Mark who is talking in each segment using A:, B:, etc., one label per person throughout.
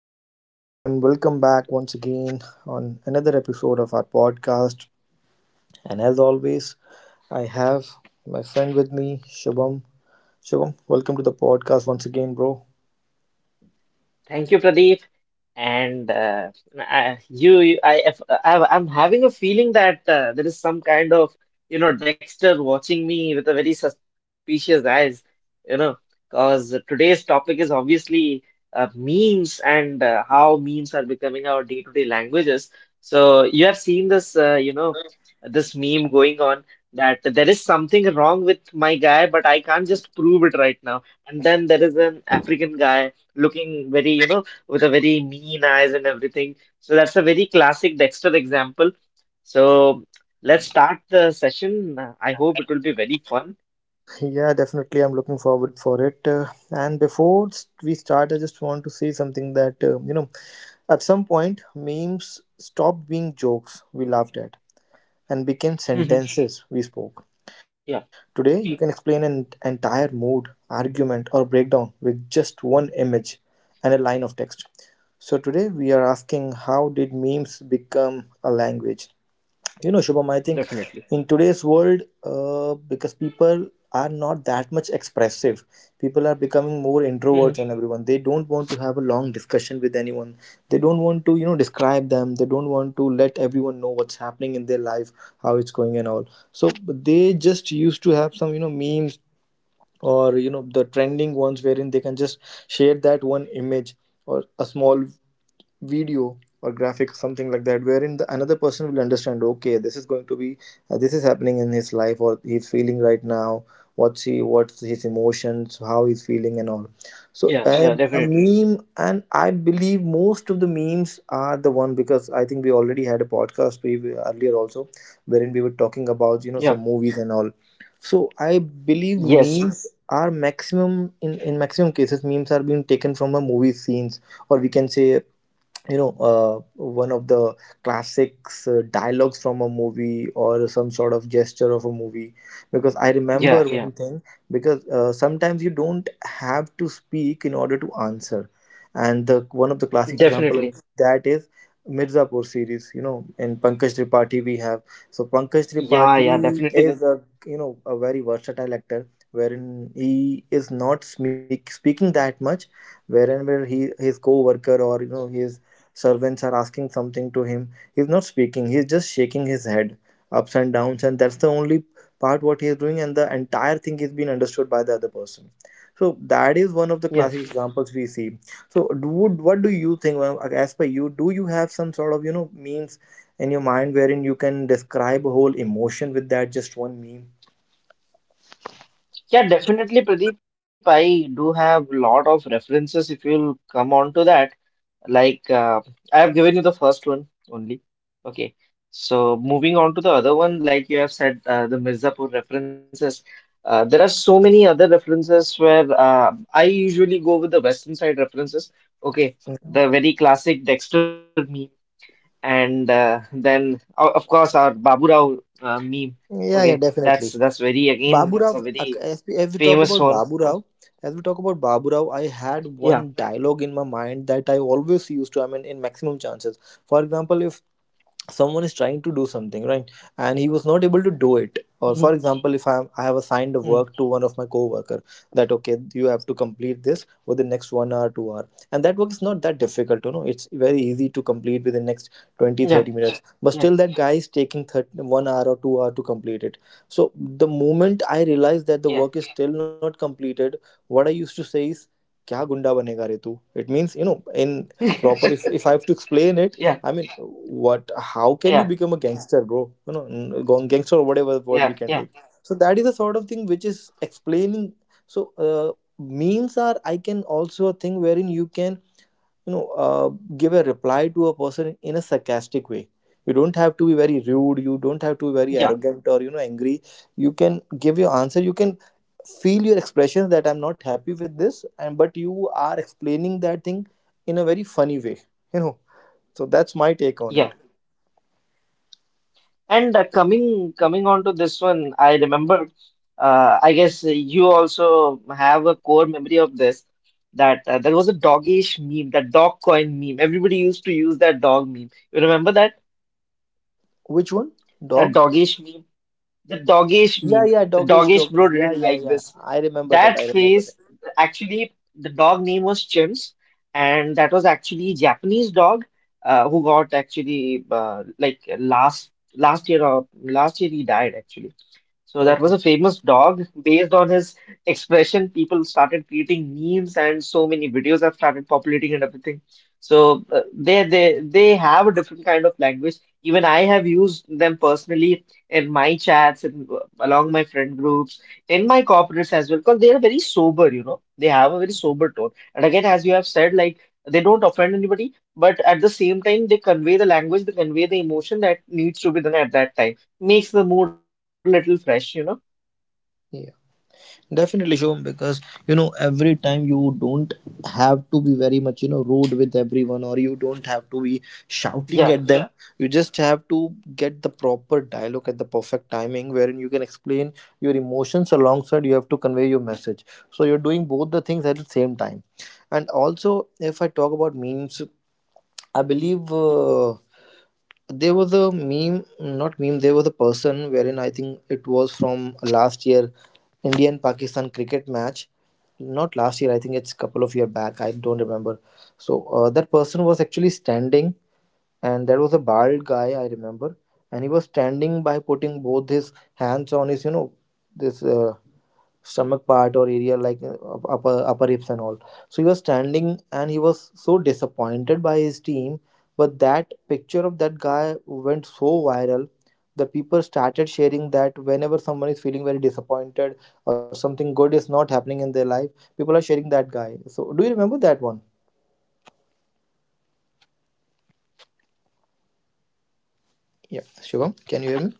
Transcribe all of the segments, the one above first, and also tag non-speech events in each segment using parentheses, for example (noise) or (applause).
A: everyone, and welcome back once again on another episode of our podcast. And as always, I have my friend with me, Shubham. Shubham, welcome to the podcast once again, bro.
B: Thank you, Pradeep. And I, you- I, if- I, I'm having a feeling that there is some kind of, Dexter watching me with a very suspicious eyes, you know, because today's topic is obviously memes and how memes are becoming our day-to-day languages. So you have seen this, this meme going on that there is something wrong with my guy, but I can't just prove it right now. And then there is an African guy looking very, with a very mean eyes and everything. So that's a very classic Dexter example. So let's start the session. I hope it will be very fun.
A: Yeah, definitely, I'm looking forward for it. And before we start, I just want to say something that at some point, memes stopped being jokes we laughed at and became
B: hmm
A: sentences we spoke. Today,
B: Yeah,
A: you can explain an entire mood, argument, or breakdown with just one image and a line of text. So, today we are asking, how did memes become a language? You know, Shubham, I think
B: definitely.
A: in today's world, because people are not that much expressive, people are becoming more
B: hmm
A: introverts and everyone. They don't want to have a long discussion with anyone. They don't want to, you know, describe them. They don't want to let everyone know what's happening in their life, how it's going and all. So they just used to have some, you know, memes or, you know, the trending ones wherein they can just share that one image or a small video or graphic or something like that wherein the another person will understand, okay, this is going to be this is happening in his life or he's feeling right now, what's his emotions, how he's feeling and all.
B: Yeah,
A: So
B: yeah,
A: a
B: definitely.
A: meme, and I believe most of the memes are the one, because I think we already had a podcast earlier also, wherein we were talking about, you know,
B: Yeah.
A: some movies and all. So I believe
B: Yes.
A: memes are maximum in maximum cases, memes are being taken from a movie scenes, or we can say, you know, one of the classics dialogues from a movie or some sort of gesture of a movie. Because I remember
B: Yeah,
A: Yeah.
B: yeah,
A: one thing, because sometimes you don't have to speak in order to answer, and the one of the classic example of
B: definitely.
A: that is Mirzapur series, you know, in Pankaj Tripathi we have. So Pankaj Tripathi
B: Yeah, yeah,
A: is a,
B: definitely.
A: you know, a very versatile actor, wherein he is not speaking that much, wherein where he, his co-worker or, you know, his servants are asking something to him. He's not speaking, he's just shaking his head ups and downs, and that's the only part what he is doing, and the entire thing is being understood by the other person. So that is one of the classic
B: Yeah.
A: examples we see. So do, what do you think, ma'am, as per you, do you have some sort of, you know, memes in your mind wherein you can describe a whole emotion with that just one meme?
B: Yeah, definitely, Pradeep. I do have a lot of references if you'll come on to that. Like, I have given you the first one only. Okay. So, moving on to the other one, like you have said, the Mirzapur references. There are so many other references where I usually go with the Western side references. Okay.
A: Mhm.
B: The very classic Dexter meme. And then, of course, our Babu Rao meme.
A: Yeah, yeah,
B: Okay.
A: definitely.
B: That's very, again,
A: Babu
B: that's
A: Rao,
B: a very
A: as we talk
B: famous
A: about
B: one.
A: Babu Rao, as we talk about Babu Rao, I had
B: Yeah.
A: one dialogue in my mind that I always used to, I mean, in maximum chances. For example, if someone is trying to do something right and he was not able to do it, or for
B: Mhm.
A: example, if I have assigned a work to
B: Mm.
A: one of my co-worker that okay, you have to complete this within next 1 hour, 2 hour, and that work is not that difficult, you know, it's very easy to complete within next 20, thirty
B: Yeah.
A: minutes But still that
B: Yeah.
A: guy is taking 30, 1 hour or 2 hour to complete it. So the moment I realize that the work is
B: Yeah.
A: still not completed, what I used to say is क्या गुंडा बनेगा रे तू. It means, you know, in proper, if I
B: (laughs)
A: have to explain it. I mean,
B: Yeah.
A: what? How can you become a
B: Yeah.
A: gangster, bro? You know, gangster or whatever word we can take.
B: Yeah. Yeah.
A: So that is the sort of thing which is explaining. So memes are, I can also a thing wherein you can, you know, uh, give a reply to a person in a sarcastic way. You don't have to be very rude. You don't have to be
B: Yeah.
A: very arrogant or, you know, angry. You can give your answer. You can feel your expressions that I'm not happy with this, and but you are explaining that thing in a very funny way. You know, so that's my take on
B: Yeah.
A: it.
B: And coming on to this one, I remember. I guess you also have a core memory of this. That there was a dogish meme, that dog coin meme. Everybody used to use that dog meme. You remember that?
A: Which one?
B: That
A: Dog?
B: dogish meme. The doggish
A: Yeah,
B: meme.
A: yeah,
B: The
A: doggish,
B: doggish
A: doggish.
B: bro
A: Yeah,
B: didn't
A: yeah,
B: like
A: yeah.
B: this.
A: I remember that.
B: That
A: I remember
B: face,
A: that.
B: actually, the dog name was Chimps, and that was actually Japanese dog who got actually like last year he died actually. So that was
A: Okay.
B: a famous dog. Based on his expression, people started creating memes, and so many videos have started populating and everything. So they have a different kind of language. Even I have used them personally in my chats and along my friend groups, in my corporates as well, because they are very sober, you know. They have a very sober tone. And again, as you have said, like they don't offend anybody, but at the same time, they convey the language, they convey the emotion that needs to be done at that time. Makes the mood a little fresh, you know.
A: Yeah. Definitely, Shom, because, you know, every time you don't have to be very much, you know, rude with everyone, or you don't have to
B: Yeah,
A: be shouting at them. You just have to get the proper dialogue at the perfect timing wherein you can explain your emotions, alongside you have to convey your message. So you're doing both the things at the same time. And also, if I talk about memes, I believe there was a meme, not meme, there was a person wherein I think it was from last year Indian Pakistan cricket match. Not last year, I think it's a couple of year back. I don't remember. So that person was actually standing, and there was a bald guy I remember, and he was standing by putting both his hands on his, you know, this stomach part or area, like upper upper hips and all. So he was standing and he was so disappointed by his team. But that picture of that guy went so viral. The people started sharing that whenever someone is feeling very disappointed or something good is not happening in their life, people are sharing that guy. So, do you remember that one? Yeah, Shubham, can you hear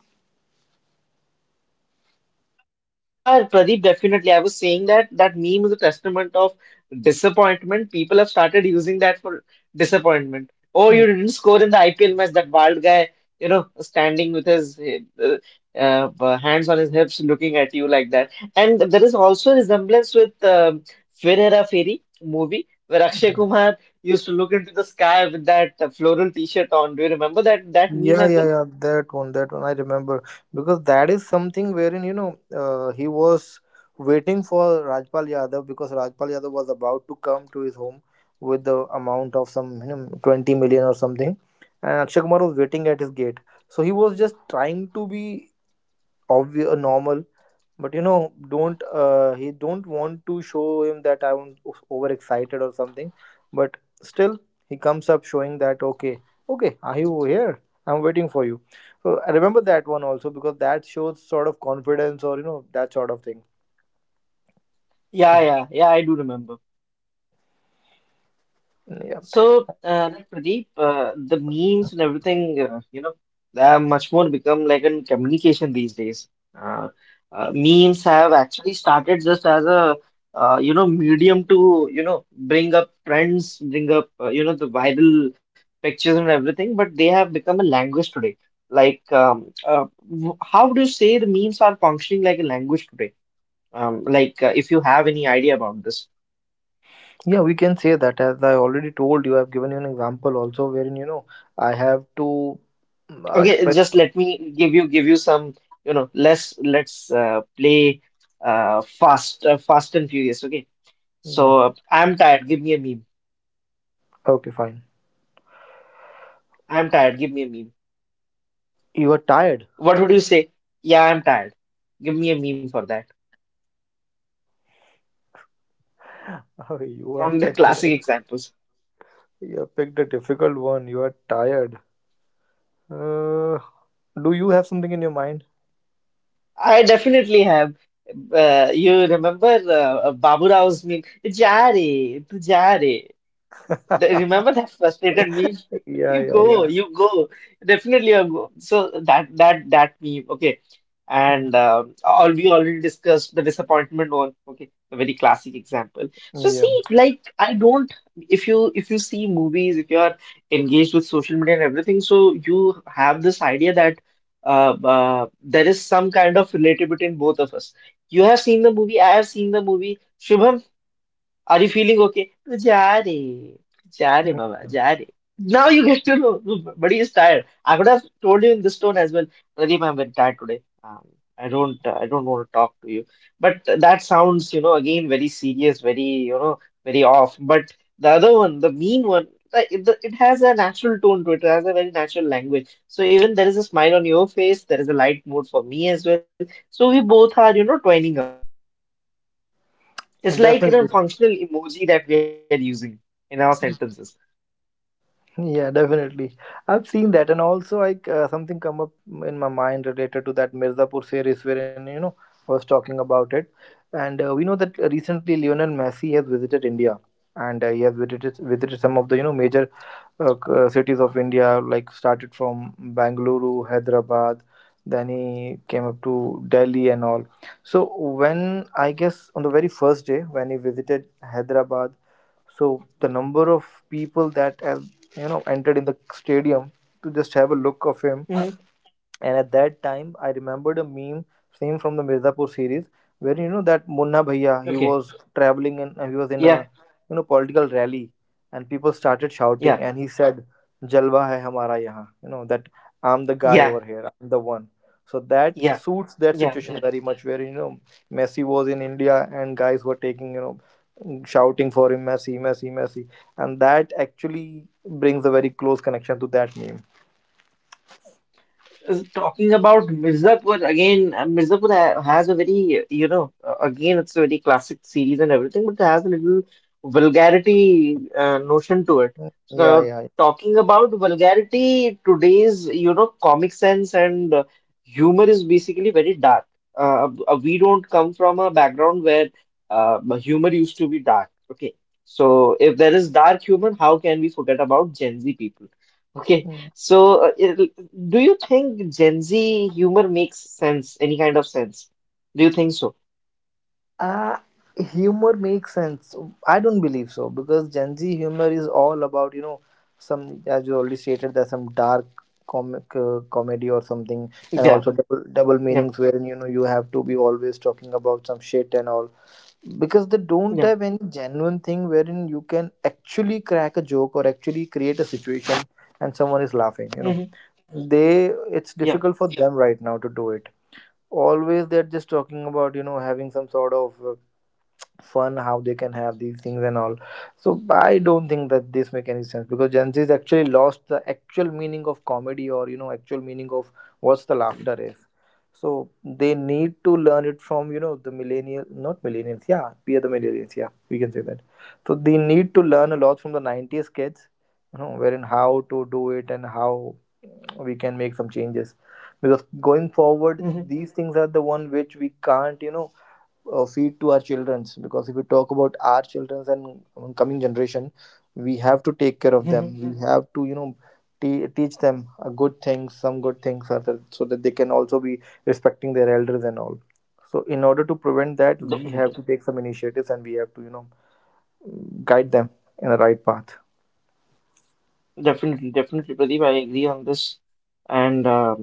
B: yeah, Pradeep, definitely. I was saying that that meme is a testament of disappointment. People have started using that for disappointment. Oh, you
A: me?
B: didn't score in the IPL match, that wild guy, you know, standing with his uh, hands on his hips, looking at you like that. And there is also a resemblance with Fir Hera Feri movie where Akshay Kumar used to look into the sky with that floral t-shirt on. Do you remember that meme
A: Yeah,
B: as
A: yeah,
B: well?
A: yeah. That one I remember, because that is something wherein, you know, he was waiting for Rajpal Yadav, because Rajpal Yadav was about to come to his home with the amount of some, you know, 20 million or something, and Akshay Kumar was waiting at his gate. So he was just trying to be obvious, normal, but you know, don't, he don't want to show him that I'm overexcited or something. But still, he comes up showing that okay, okay, are you here? I'm waiting for you. So I remember that one also because that shows sort of confidence or, you know, that sort of thing.
B: Yeah, yeah, yeah, I do remember.
A: Yeah,
B: So, like Pradeep, the memes and everything, they have much more become like in communication these days. Uh, memes have actually started just as a, medium to, you know, bring up trends, bring up, you know, the viral pictures and everything, but they have become a language today. Like, how do you say the memes are functioning like a language today? Like, if you have any idea about this.
A: yeah, we can say that. As I already told you, I've given you an example also wherein, you know, I have to
B: Okay,
A: express.
B: just let me give you some, you know, less let's play fast fast and furious. Okay,
A: Yeah.
B: so I'm tired. Give me a meme.
A: Okay, fine.
B: I'm tired. Give me a meme.
A: You are tired.
B: What would you say? Yeah, I'm tired. Give me a meme for that.
A: (laughs) Oh, you
B: From
A: have
B: the (laughs)
A: picked up.
B: classic examples,
A: You have picked a difficult one. You are tired. Uh, do you have something in your mind? (laughs)
B: I definitely have. You remember Babu Rao's meme? Ja re, tu ja re. Remember that frustrated meme? (laughs)
A: Yeah,
B: You
A: yeah,
B: go,
A: yeah.
B: you go. Definitely you go. So that meme, okay.
A: Mm,
B: And all we already discussed the disappointment one, okay, a very classic example. So
A: yeah.
B: see, like I don't. If you see movies, if you are engaged with social media and everything, so you have this idea that there is some kind of relativity in both of us. You have seen the movie, I have seen the movie. Shubham, are you feeling okay? जा रे जा रे
A: Mm,
B: बाबा
A: yeah.
B: जा रे Now you get to know. But he is tired. I could have told you in this tone as well. Pradeep, I'm very tired today. I don't want to talk to you. But that sounds, you know, again very serious, very, you know, very off. But the other one, the mean one, like, it has a natural tone to it. It has a very natural language. So even there is a smile on your face, there is a light mood for me as well. So we both are, you know, twining up. It's like in
A: Definitely.
B: a functional emoji that we are using in our sentences.
A: Yeah, definitely. I've seen that, and also like something come up in my mind related to that Mirzapur series, wherein, you know, I was talking about it, and we know that recently Lionel Messi has visited India, and he has visited some of the, you know, major cities of India, like started from Bangalore, Hyderabad, then he came up to Delhi and all. So when I guess on the very first day when he visited Hyderabad, so the number of people that have, you know, entered in the stadium to just have a look of him,
B: Mhm.
A: and at that time, I remembered a meme same from the Mirzapur series, where, you know, that Munna Bhaiya, he
B: Okay.
A: was traveling and he was in
B: Yeah.
A: a, you know, political rally, and people started
B: Yeah.
A: shouting, and he said, "Jalwa hai hamara yahan," you know, that I'm the guy
B: Yeah.
A: over here, I'm the one. So that
B: Yeah.
A: suits that
B: Yeah. Yeah.
A: situation very much, where, you know, Messi was in India and guys were taking, you know, shouting for him, Messi, Messi, Messi, and that actually brings a very close connection to that meme.
B: Talking about Mirzapur again, Mirzapur ha has a very, you know, again, it's a very classic series and everything, but it has a little vulgarity notion to it.
A: Yeah, yeah,
B: So,
A: yeah.
B: talking about vulgarity, today's, you know, comic sense and humor is basically very dark. We don't come from a background where humor used to be dark. Okay. So, if there is dark humor, how can we forget about Gen Z people? Okay.
A: Hmm.
B: So, do you think Gen Z humor makes sense, any kind of sense? Do you think so?
A: Uh, humor makes sense. I don't believe so, because Gen Z humor is all about, you know, some, as you already stated, there's some dark comic comedy or something, and
B: Yeah,
A: also double
B: yeah,
A: meanings wherein, you know, you have to be always talking about some shit and all. Because they don't
B: yeah,
A: have any genuine thing wherein you can actually crack a joke or actually create a situation and someone is laughing, you know.
B: hmm
A: They, it's
B: yeah,
A: difficult for them right now to do it. Always they're just talking about, you know, having some sort of. Fun how they can have these things and all. So I don't think that this make any sense because Gen Z's actually lost the actual meaning of comedy or actual meaning of what's the laughter is. So they need to learn it from the millennial, not millennials. Yeah, we are the millennials, yeah, we can say that. So they need to learn a lot from the 90s kids, wherein how to do it and how we can make some changes. Because going forward
B: hmm
A: these things are the one which we can't feed to our childrens. Because if we talk about our childrens and coming generation, we have to take care of
B: hmm
A: them. We have to teach them a good things, some good things, so that they can also be respecting their elders and all. So in order to prevent that, we
B: Definitely,
A: have to take some initiatives and we have to guide them in the right path.
B: definitely, definitely, Pradeep. I agree on this, and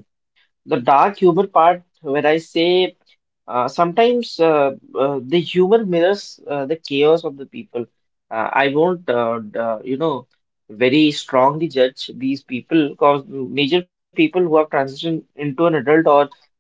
B: the dark humor part, where I say sometimes the humor mirrors the chaos of the people. I won't, you know, very strongly judge these people because major people who have transitioned into an adult or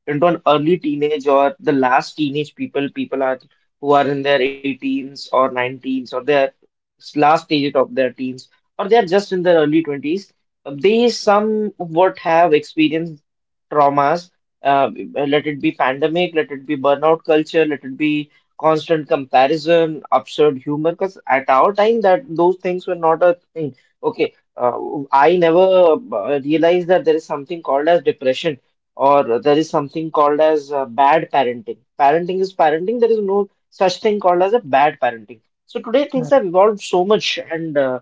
B: into an early teenage or the last teenage people, people are who are in their 18s or 19s or last stage of their teens or they are just in their early 20s. They somewhat have experienced traumas uh, let it be pandemic, let it be burnout culture, let it be constant comparison, absurd humor, because at our time that those things were not a thing. Okay, uh, I never realized that there is something called as depression or there is something called as bad parenting. Parenting is parenting. There is no such thing called as a bad parenting. So today things
A: Mm,
B: have evolved so much, and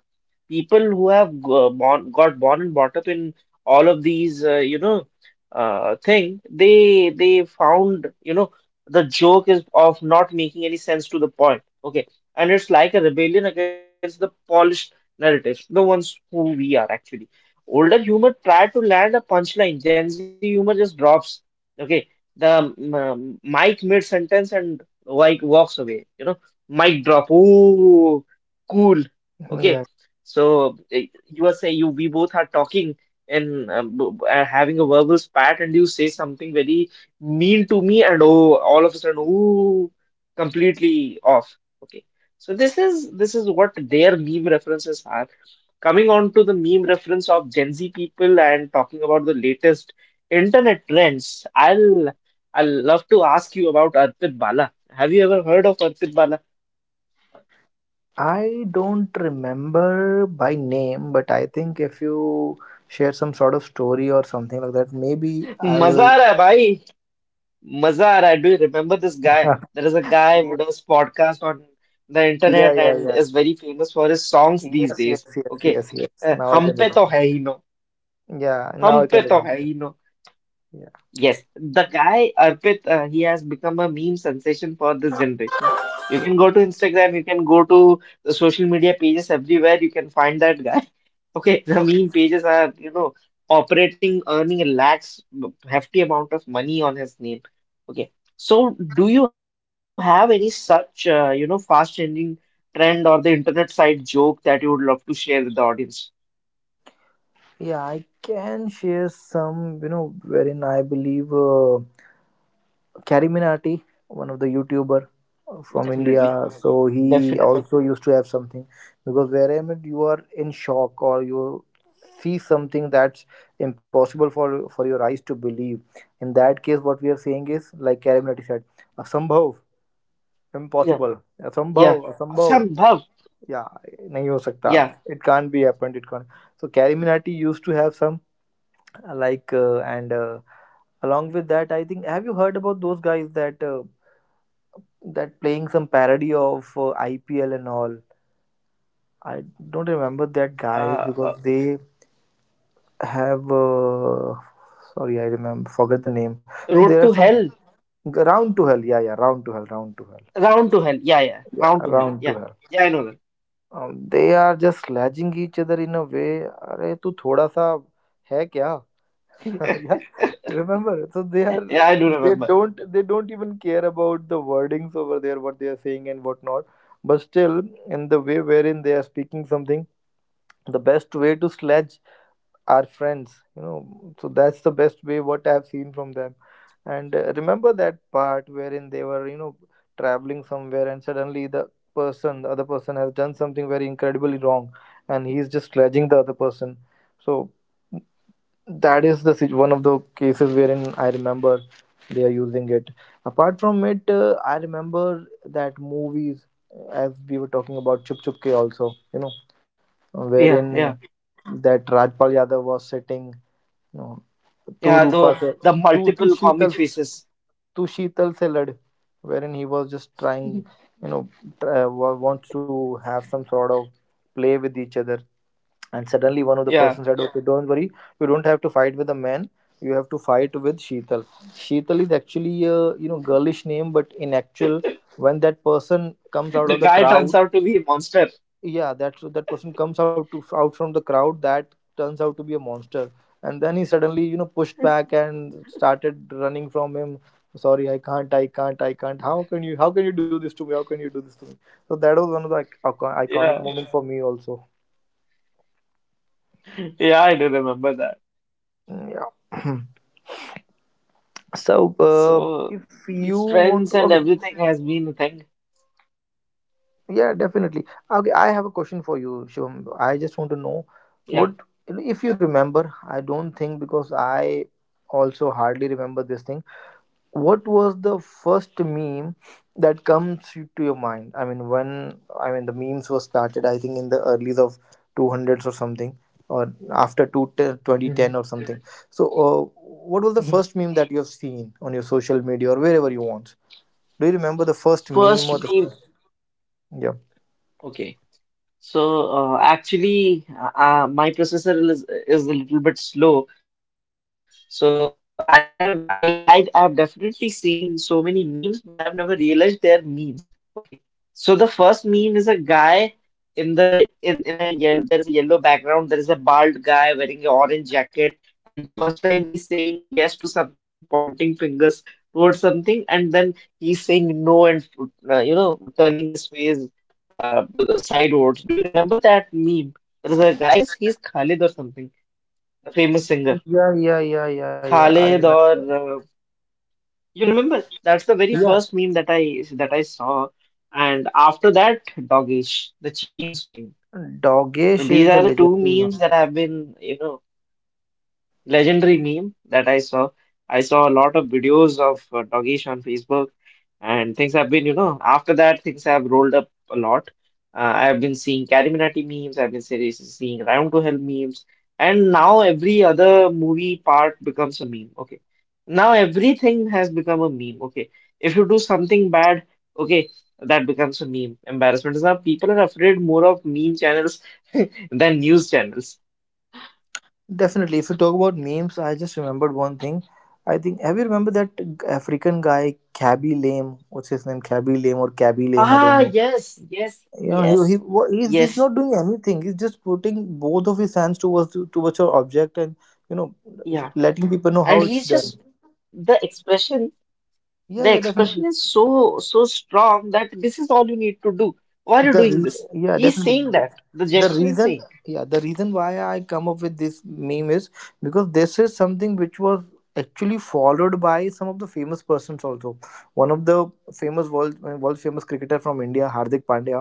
B: people who have born, got born and brought up in all of these you know thing, they found, you know, the joke is of not making any sense to the point. Okay, and it's like a rebellion against the polished narratives, the ones who we are. Actually older humor try to land a punchline, Gen Z humor just drops, okay, the mic mid sentence and like walks away, you know. Mic drop. Ooh, cool. Okay,
A: yeah,
B: so you are saying, you we both are talking and having a verbal spat, and you say something very mean to me, and oh, all of a sudden, ooh, completely off. Okay, so this is what their meme references are. Coming on to the meme reference of Gen Z people and talking about the latest internet trends, I'll love to ask you about Arpit Bala. Have you ever heard of Arpit Bala?
A: I don't remember by name, but I think if you share some sort of story or something like that, maybe
B: (laughs)
A: I
B: मजा
A: will.
B: आ रहा है भाई Mazar, I do remember this guy. There
A: (laughs)
B: is a guy who does podcast on the
A: Yeah,
B: internet
A: yeah,
B: and
A: yeah.
B: is very famous for his songs these
A: Yes,
B: days.
A: yes, yes,
B: Okay.
A: yes, yes. Now I
B: Hum
A: can
B: pe to
A: remember.
B: hai hi no.
A: Yeah,
B: Hum
A: now I can
B: pe to hai
A: remember.
B: hi no.
A: Yeah,
B: Yes, the guy Arpit, he has become a meme sensation for this generation. You can go to Instagram, you can go to the social media pages everywhere. You can find that guy. Okay, (laughs) the meme pages are, you know, operating, earning a lakhs, hefty amount of money on his name. Okay, so do you have any such, you know, fast-changing trend or the internet side joke that you would love to share with the audience?
A: yeah. I can share some, you know, wherein I believe Carrie Minati, one of the YouTuber from India.
B: Definitely,
A: So he also
B: definitely.
A: used to have something because wherever you are in shock or you see something that's impossible for your eyes to believe. In that case, what we are saying is like Carrie Minati said, asambhav,
B: Yeah,
A: impossible,
B: yeah.
A: asambhav, asambhav.
B: Asambhav.
A: या नहीं हो सकता,
B: Yeah.
A: It can't be happened, it can't. So Gary Minati used to have some like and along with that, I think, have you heard about those guys that that playing some parody of IPL and all? I don't remember that guys
B: Uh, uh,
A: because they have sorry I remember forget the name. So there
B: road
A: are
B: to
A: some
B: hell,
A: round to hell. Yeah, yeah, round to hell, round to hell.
B: round to hell. Yeah, yeah.
A: Yeah,
B: Round to hell.
A: round to
B: Yeah,
A: hell.
B: yeah. I know
A: They are just sledging each other in a way, अरे तू थोड़ा सा है क्या. (laughs)
B: that.
A: Yeah,
B: (laughs)
A: remember. So they are
B: Yeah, I do
A: they
B: remember.
A: don't they don't even care about the wordings over there, what they are saying and what not. But still, in the way wherein they are speaking something, the best way to sledge our friends. So that's the best way what I have seen from them. And remember that part wherein they were traveling somewhere, and suddenly the other person has done something very incredibly wrong, and he's just sledging the other person. So that is the one of the cases wherein I remember they are using it. Apart from it, I remember that movies, as we were talking about Chup Chup Ke also, you know,
B: Yeah, yeah,
A: wherein that Rajpal Yadav was sitting, you know,
B: yeah.
A: Tu Rupa se,
B: The
A: Tu
B: multiple comic
A: Sheetal,
B: faces.
A: Tu Sheetal se lad, wherein he was just trying, you know, wants to have some sort of play with each other. And suddenly one of the person
B: Yeah.
A: said, okay, don't worry, you don't have to fight with a man, you have to fight with Sheetal. Sheetal is actually a, girlish name, but in actual, when that person comes
B: The
A: out of
B: guy
A: the
B: turns out
A: crowd.
B: to be a monster.
A: Yeah, that person comes out from the crowd, that turns out to be a monster. And then he suddenly pushed back and started running from him. Sorry, I can't, I can't, I can't. How can you, how can you do this to me, how can you do this to me? So that was one of the iconic
B: Yeah,
A: moment for me also.
B: yeah, I do remember that.
A: Mm, yeah. (clears throat) So,
B: So
A: if you
B: his
A: want
B: friends
A: to,
B: and
A: okay,
B: everything has been a thing.
A: yeah, definitely. Okay, I have a question for you, Shivam. I just want to know
B: Yeah.
A: what, if you remember. I don't think, because I also hardly remember this thing. What was the first meme that comes to your mind? I mean, when, I mean, the memes were started, I think in the early of 200s or something, or after two twenty
B: Mhm.
A: ten or something. So, what was the
B: Mhm.
A: first meme that you have seen on your social media or wherever you want? Do you remember the first meme
B: First
A: or the
B: being
A: first? Yeah.
B: okay. So actually, my processor is a little bit slow. So I have definitely seen so many memes, but I've never realized they're memes. Okay, so the first meme is a guy in the in a yellow. There is a yellow background. There is a bald guy wearing an orange jacket, and first time he's saying yes to something, pointing fingers towards something, and then he's saying no and turning his face uh sidewards. Do you remember that meme? There's a guy, I guess he's Khalid or something, a famous singer.
A: Yeah, yeah, yeah, yeah, yeah. I
B: Khalid or
A: remember.
B: you remember? That's the very
A: Yeah.
B: first meme that I saw, and after that, Dogesh, the Cheems meme. These are
A: Dogesh
B: the
A: is
B: two
A: the
B: memes that
A: legendary
B: have
A: one.
B: been. Legendary meme that I saw. I saw a lot of videos of Dogesh on Facebook, and things have been after that, things have rolled up a lot. I have been seeing Carrie Minati memes, I've been seeing Round to Hell memes, and now every other movie part becomes a meme. Okay. Now everything has become a meme. Okay. If you do something bad, okay, that becomes a meme. Embarrassment is now people are afraid more of meme channels than news channels.
A: Definitely. If you talk about memes, I just remembered one thing. I think, have you remember that African guy Cabby Lame? What's his name? Cabby Lame or Cabby Lame? I don't
B: Ah,
A: know.
B: yes, yes,
A: Yeah,
B: yes,
A: he's
B: yes,
A: not doing anything. He's just putting both of his hands towards your object and you know
B: yeah.
A: letting people know how it's
B: And
A: done.
B: he's just
A: Yeah,
B: the
A: yeah, definitely.
B: expression is so, so strong that this is all you need to do. Why are you
A: The
B: doing this?
A: reason, yeah,
B: He's
A: definitely
B: saying
A: the
B: that. The
A: the
B: gesture is
A: reason,
B: saying.
A: yeah, the reason why I come up with this meme is because this is something which was actually followed by some of the famous persons also. One of the famous world famous cricketer from India, Hardik Pandya,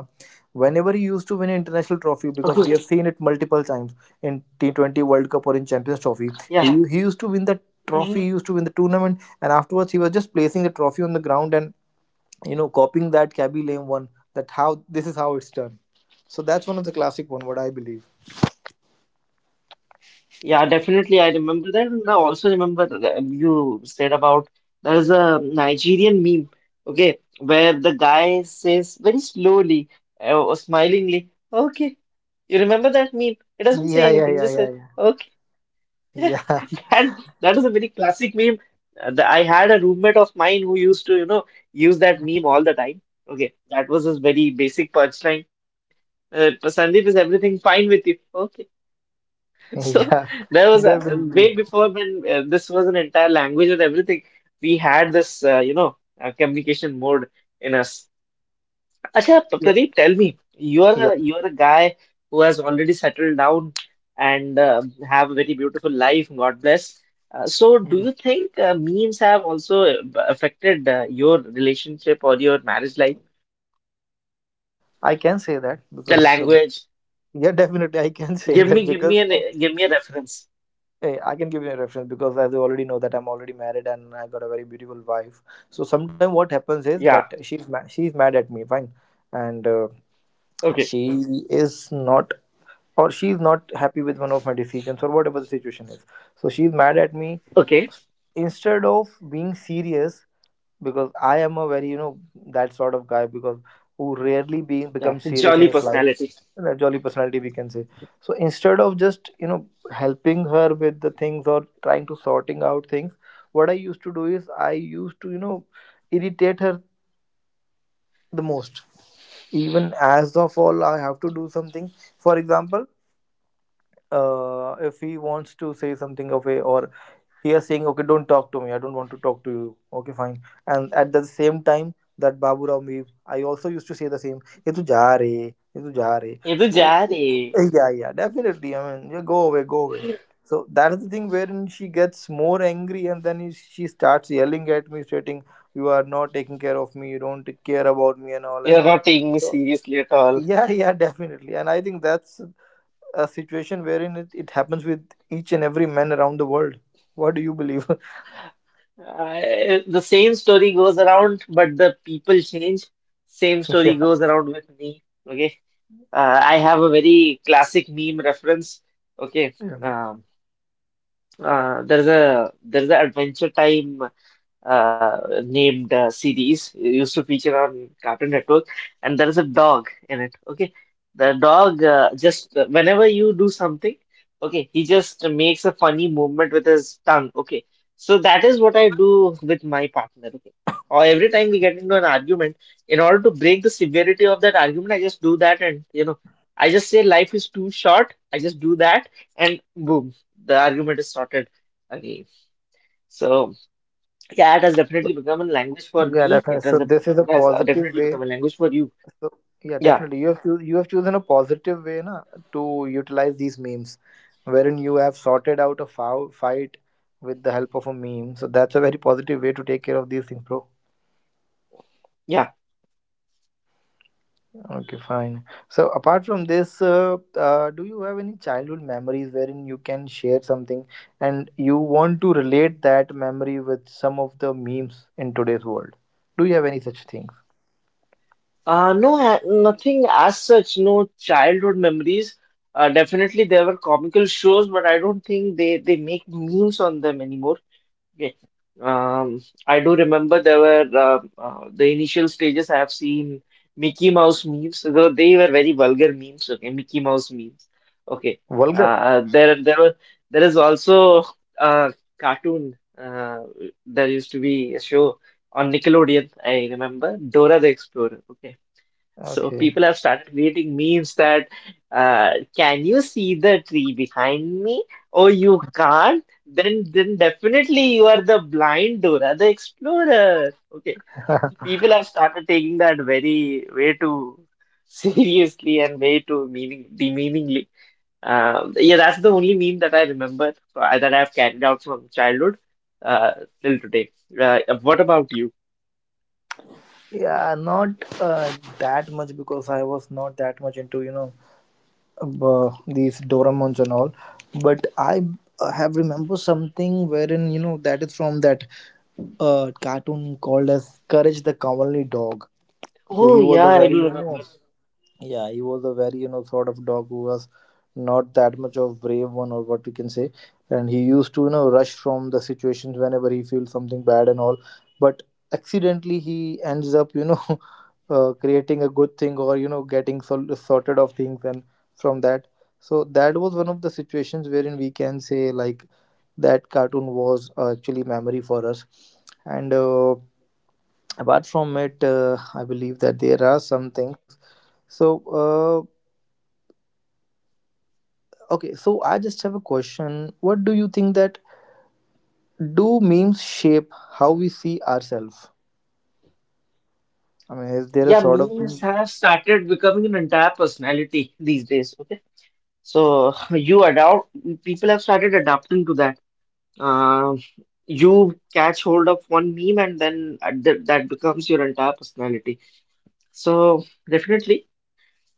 A: whenever he used to win an international trophy, because
B: Okay,
A: we have seen it multiple times in T20 world cup or in champions trophy. he,
B: yeah.
A: he used to win the
B: Hmm.
A: trophy, he used to win the tournament. And afterwards he was just placing the trophy on the ground and copying that Cabby Lame one, that how this is how it's done. So that's one of the classic one what I believe.
B: Yeah, definitely. I remember that. And I also remember that you said about there's a Nigerian meme, okay, where the guy says very slowly, or smilingly, okay. You remember that meme? It doesn't say
A: Yeah, yeah,
B: anything,
A: yeah,
B: just says,
A: yeah,
B: (laughs)
A: yeah,
B: that that is a very classic meme. I had a roommate of mine who used to use that meme all the time. Okay, that was his very basic punchline. Sandeep, is everything fine with you? Okay, (laughs)
A: yeah.
B: so
A: (laughs)
B: there
A: Yeah,
B: was a
A: definitely.
B: way before when this was an entire language and everything. We had this, communication mode in us. Acha,
A: Yeah,
B: Pradeep, tell me, you
A: yeah,
B: are you are a guy who has already settled down and have a very beautiful life. God bless. So, do
A: yeah.
B: you think memes have also affected your relationship or your marriage life?
A: I can say that
B: The
A: because
B: language.
A: yeah, definitely I can (laughs) say
B: Give
A: that
B: me, give
A: because,
B: me
A: you
B: an,
A: know,
B: give me a reference.
A: hey, I can give you a reference because as you already know that I'm already married and I got a very beautiful wife. So sometimes what happens is that
B: Yeah.
A: she's mad at me, fine. And
B: Okay.
A: she is not, or she's not happy with one of my decisions or whatever the situation is, so she's mad at me.
B: Okay.
A: Instead of being serious, because I am a very that sort of guy, because who rarely being
B: Yeah.
A: becomes serious in
B: Jolly
A: his life,
B: personality.
A: a jolly personality we can say. So instead of just helping her with the things or trying to sorting out things, what I used to do is I used to irritate her the most. Even as of all I have to do something, for example, if he wants to say something of a, or he is saying, okay, don't talk to me, I don't want to talk to you, okay fine. And at the same time, that Babu Rao me, I also used to say the same, ye tu ja re, ye tu ja re.
B: Edu
A: So
B: ja re.
A: yeah, yeah, definitely, I mean, yeah, go away, go away. So that is the thing wherein she gets more angry, and then she starts yelling at me, stating, you are not taking care of me, you don't care about me and all
B: You're
A: and all.
B: not taking me
A: So
B: seriously at all.
A: yeah, yeah. (laughs) Definitely. And I think that's a situation wherein it happens with each and every man around the world. What do you believe?
B: The same story goes around, but the people change. Same
A: (laughs)
B: story
A: Yeah.
B: goes around with me. Okay. I have a very classic meme reference. Okay.
A: Yeah.
B: Um, there's a there's an Adventure Time uh, named series it used to feature on Cartoon Network, and there is a dog in it. Okay, the dog just whenever you do something, okay, he just makes a funny movement with his tongue. Okay, so that is what I do with my partner. Okay, or every time we get into an argument, in order to break the severity of that argument, I just do that, and I just say life is too short. I just do that, and boom, the argument is sorted again. So. Yeah, it has definitely become a language for
A: Yeah,
B: me.
A: definitely.
B: It
A: So
B: has
A: this is a
B: it has
A: positive
B: definitely
A: way.
B: become a language for you.
A: So yeah,
B: Yeah,
A: definitely. You have chosen a positive way na, to utilize these memes, wherein you have sorted out a foul fight with the help of a meme. So that's a very positive way to take care of these things, bro.
B: yeah.
A: Okay, fine. So, apart from this, do you have any childhood memories wherein you can share something and you want to relate that memory with some of the memes in today's world? Do you have any such things?
B: No, nothing as such. No childhood memories. Definitely there were comical shows, but I don't think they make memes on them anymore. Yeah. Um, I do remember there were the initial stages I have seen Mickey Mouse memes, though they were very vulgar memes. Okay, Mickey Mouse memes. Okay,
A: Vulgar?
B: uh, there there were there is also a cartoon there used to be a show on Nickelodeon. I remember Dora the Explorer. Okay. So
A: Okay.
B: people have started creating memes that can you see the tree behind me? Oh, you can't? Then definitely you are the blind Dora the Explorer. Okay.
A: (laughs)
B: People have started taking that very way too (laughs) seriously and way too meaning demeaningly. Yeah, that's the only meme that I remember that I've carried out from childhood uh, till today. What about you?
A: Yeah, not uh, that much, because I was not that much into, you know, these Doraemons and all. But I have remember something wherein, you know, that is from that cartoon called as Courage the Cowardly Dog. So
B: Oh
A: he was a.
B: yeah,
A: Oh,
B: I
A: very, you
B: do
A: yeah.
B: remember.
A: know, yeah, he was a very, you know, sort of dog who was not that much of brave one or what you can say. And he used to, you know, rush from the situations whenever he feels something bad and all. But accidentally he ends up, you know, (laughs) creating a good thing, or, you know, getting sorted of things and from that. So that was one of the situations wherein we can say like that cartoon was actually memory for us. And apart from it I believe that there are some things. So uh, okay, so I just have a question. What do you think that do memes shape how we see ourselves, I mean, is there a
B: Yeah,
A: sort of, yeah.
B: memes have started becoming an entire personality these days. Okay, so (laughs) you adopt people have started adapting to that. Um, you catch hold of one meme and then th that becomes your entire personality. So definitely,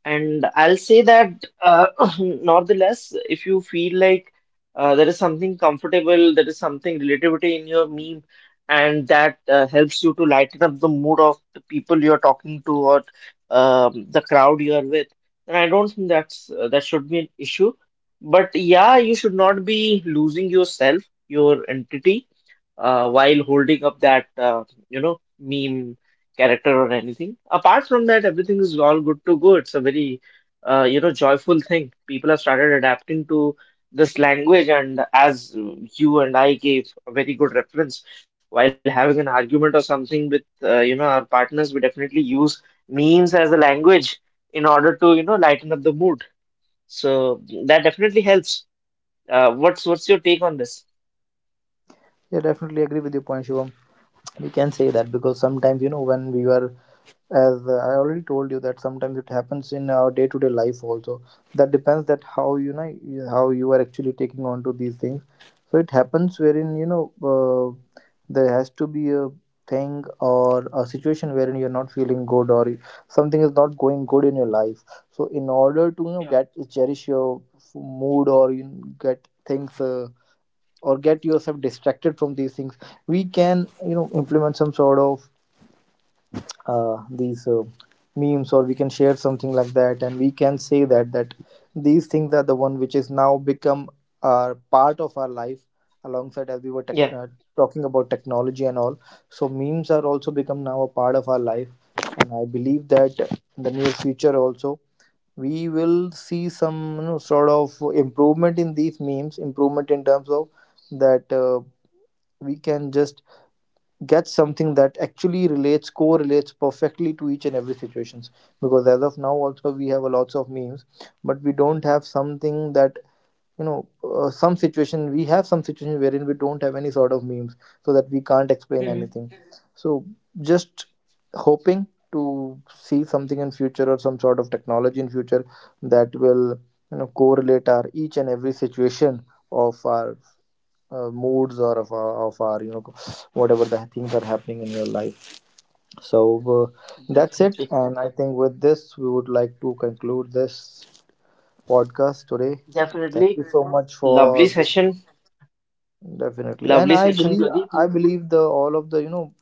B: and I'll say that, uh, (clears throat) nonetheless, if you feel like there is something comfortable, there is something relativity in your meme, and that helps you to lighten up the mood of the people you're talking to or the crowd you're with, then I don't think that's that should be an issue. But yeah, you should not be losing yourself, your entity, while holding up that meme character or anything. Apart from that, everything is all good to go. It's a very joyful thing. People have started adapting to this language, and as you and I gave a very good reference while having an argument or something with our partners, we definitely use memes as a language in order to lighten up the mood. So that definitely helps. What's your take on this?
A: Definitely agree with your point, Shivam. We can say that because sometimes when we were, as I already told you, that sometimes it happens in our day to day life also, that depends that how how you are actually taking on to these things. So it happens wherein uh, there has to be a thing or a situation wherein you're not feeling good, or something is not going good in your life. So in order to
B: Yeah.
A: get cherish your mood, or get things or get yourself distracted from these things, we can implement some sort of these memes, or we can share something like that. And we can say that that these things are the one which is now become our part of our life, alongside as we were tech
B: Yeah.
A: talking about technology and all. So memes are also become now a part of our life. And I believe that in the near future also, we will see some sort of improvement in these memes, improvement in terms of that we can just get something that actually relates correlates perfectly to each and every situations. Because as of now also we have a lots of memes, but we don't have something that some situation we have some situation wherein we don't have any sort of memes, so that we can't explain
B: Mhm.
A: anything. So just hoping to see something in future, or some sort of technology in future that will correlate our each and every situation of our moods, or of our whatever the things are happening in your life. So that's it.
B: Definitely.
A: And I think with this we would like to conclude this podcast today. Thank
B: Definitely
A: you so much
B: lovely
A: for being.
B: session.
A: Definitely, and
B: Lovely
A: i
B: session,
A: believe
B: Pradeep.
A: i believe the all of the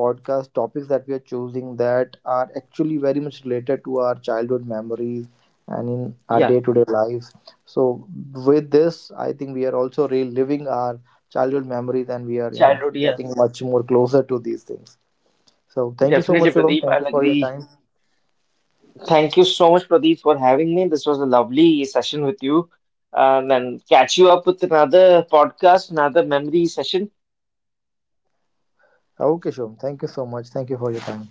A: podcast topics that we are choosing, that are actually very much related to our childhood memories and in our
B: Yeah,
A: day-to-day lives. So with this, I think we are also reliving our childhood memories, and we are
B: childhood, yeah.
A: getting much more closer to these things. So thank you so much,
B: Definitely,
A: Shivam.
B: Pradeep.
A: Thank
B: I'll
A: you for your
B: agree.
A: time.
B: Thank you so much, Pradeep, for having me. This was a lovely session with you. And then catch you up with another podcast, another memory session.
A: Okay, Shivam. Thank you so much. Thank you for your time.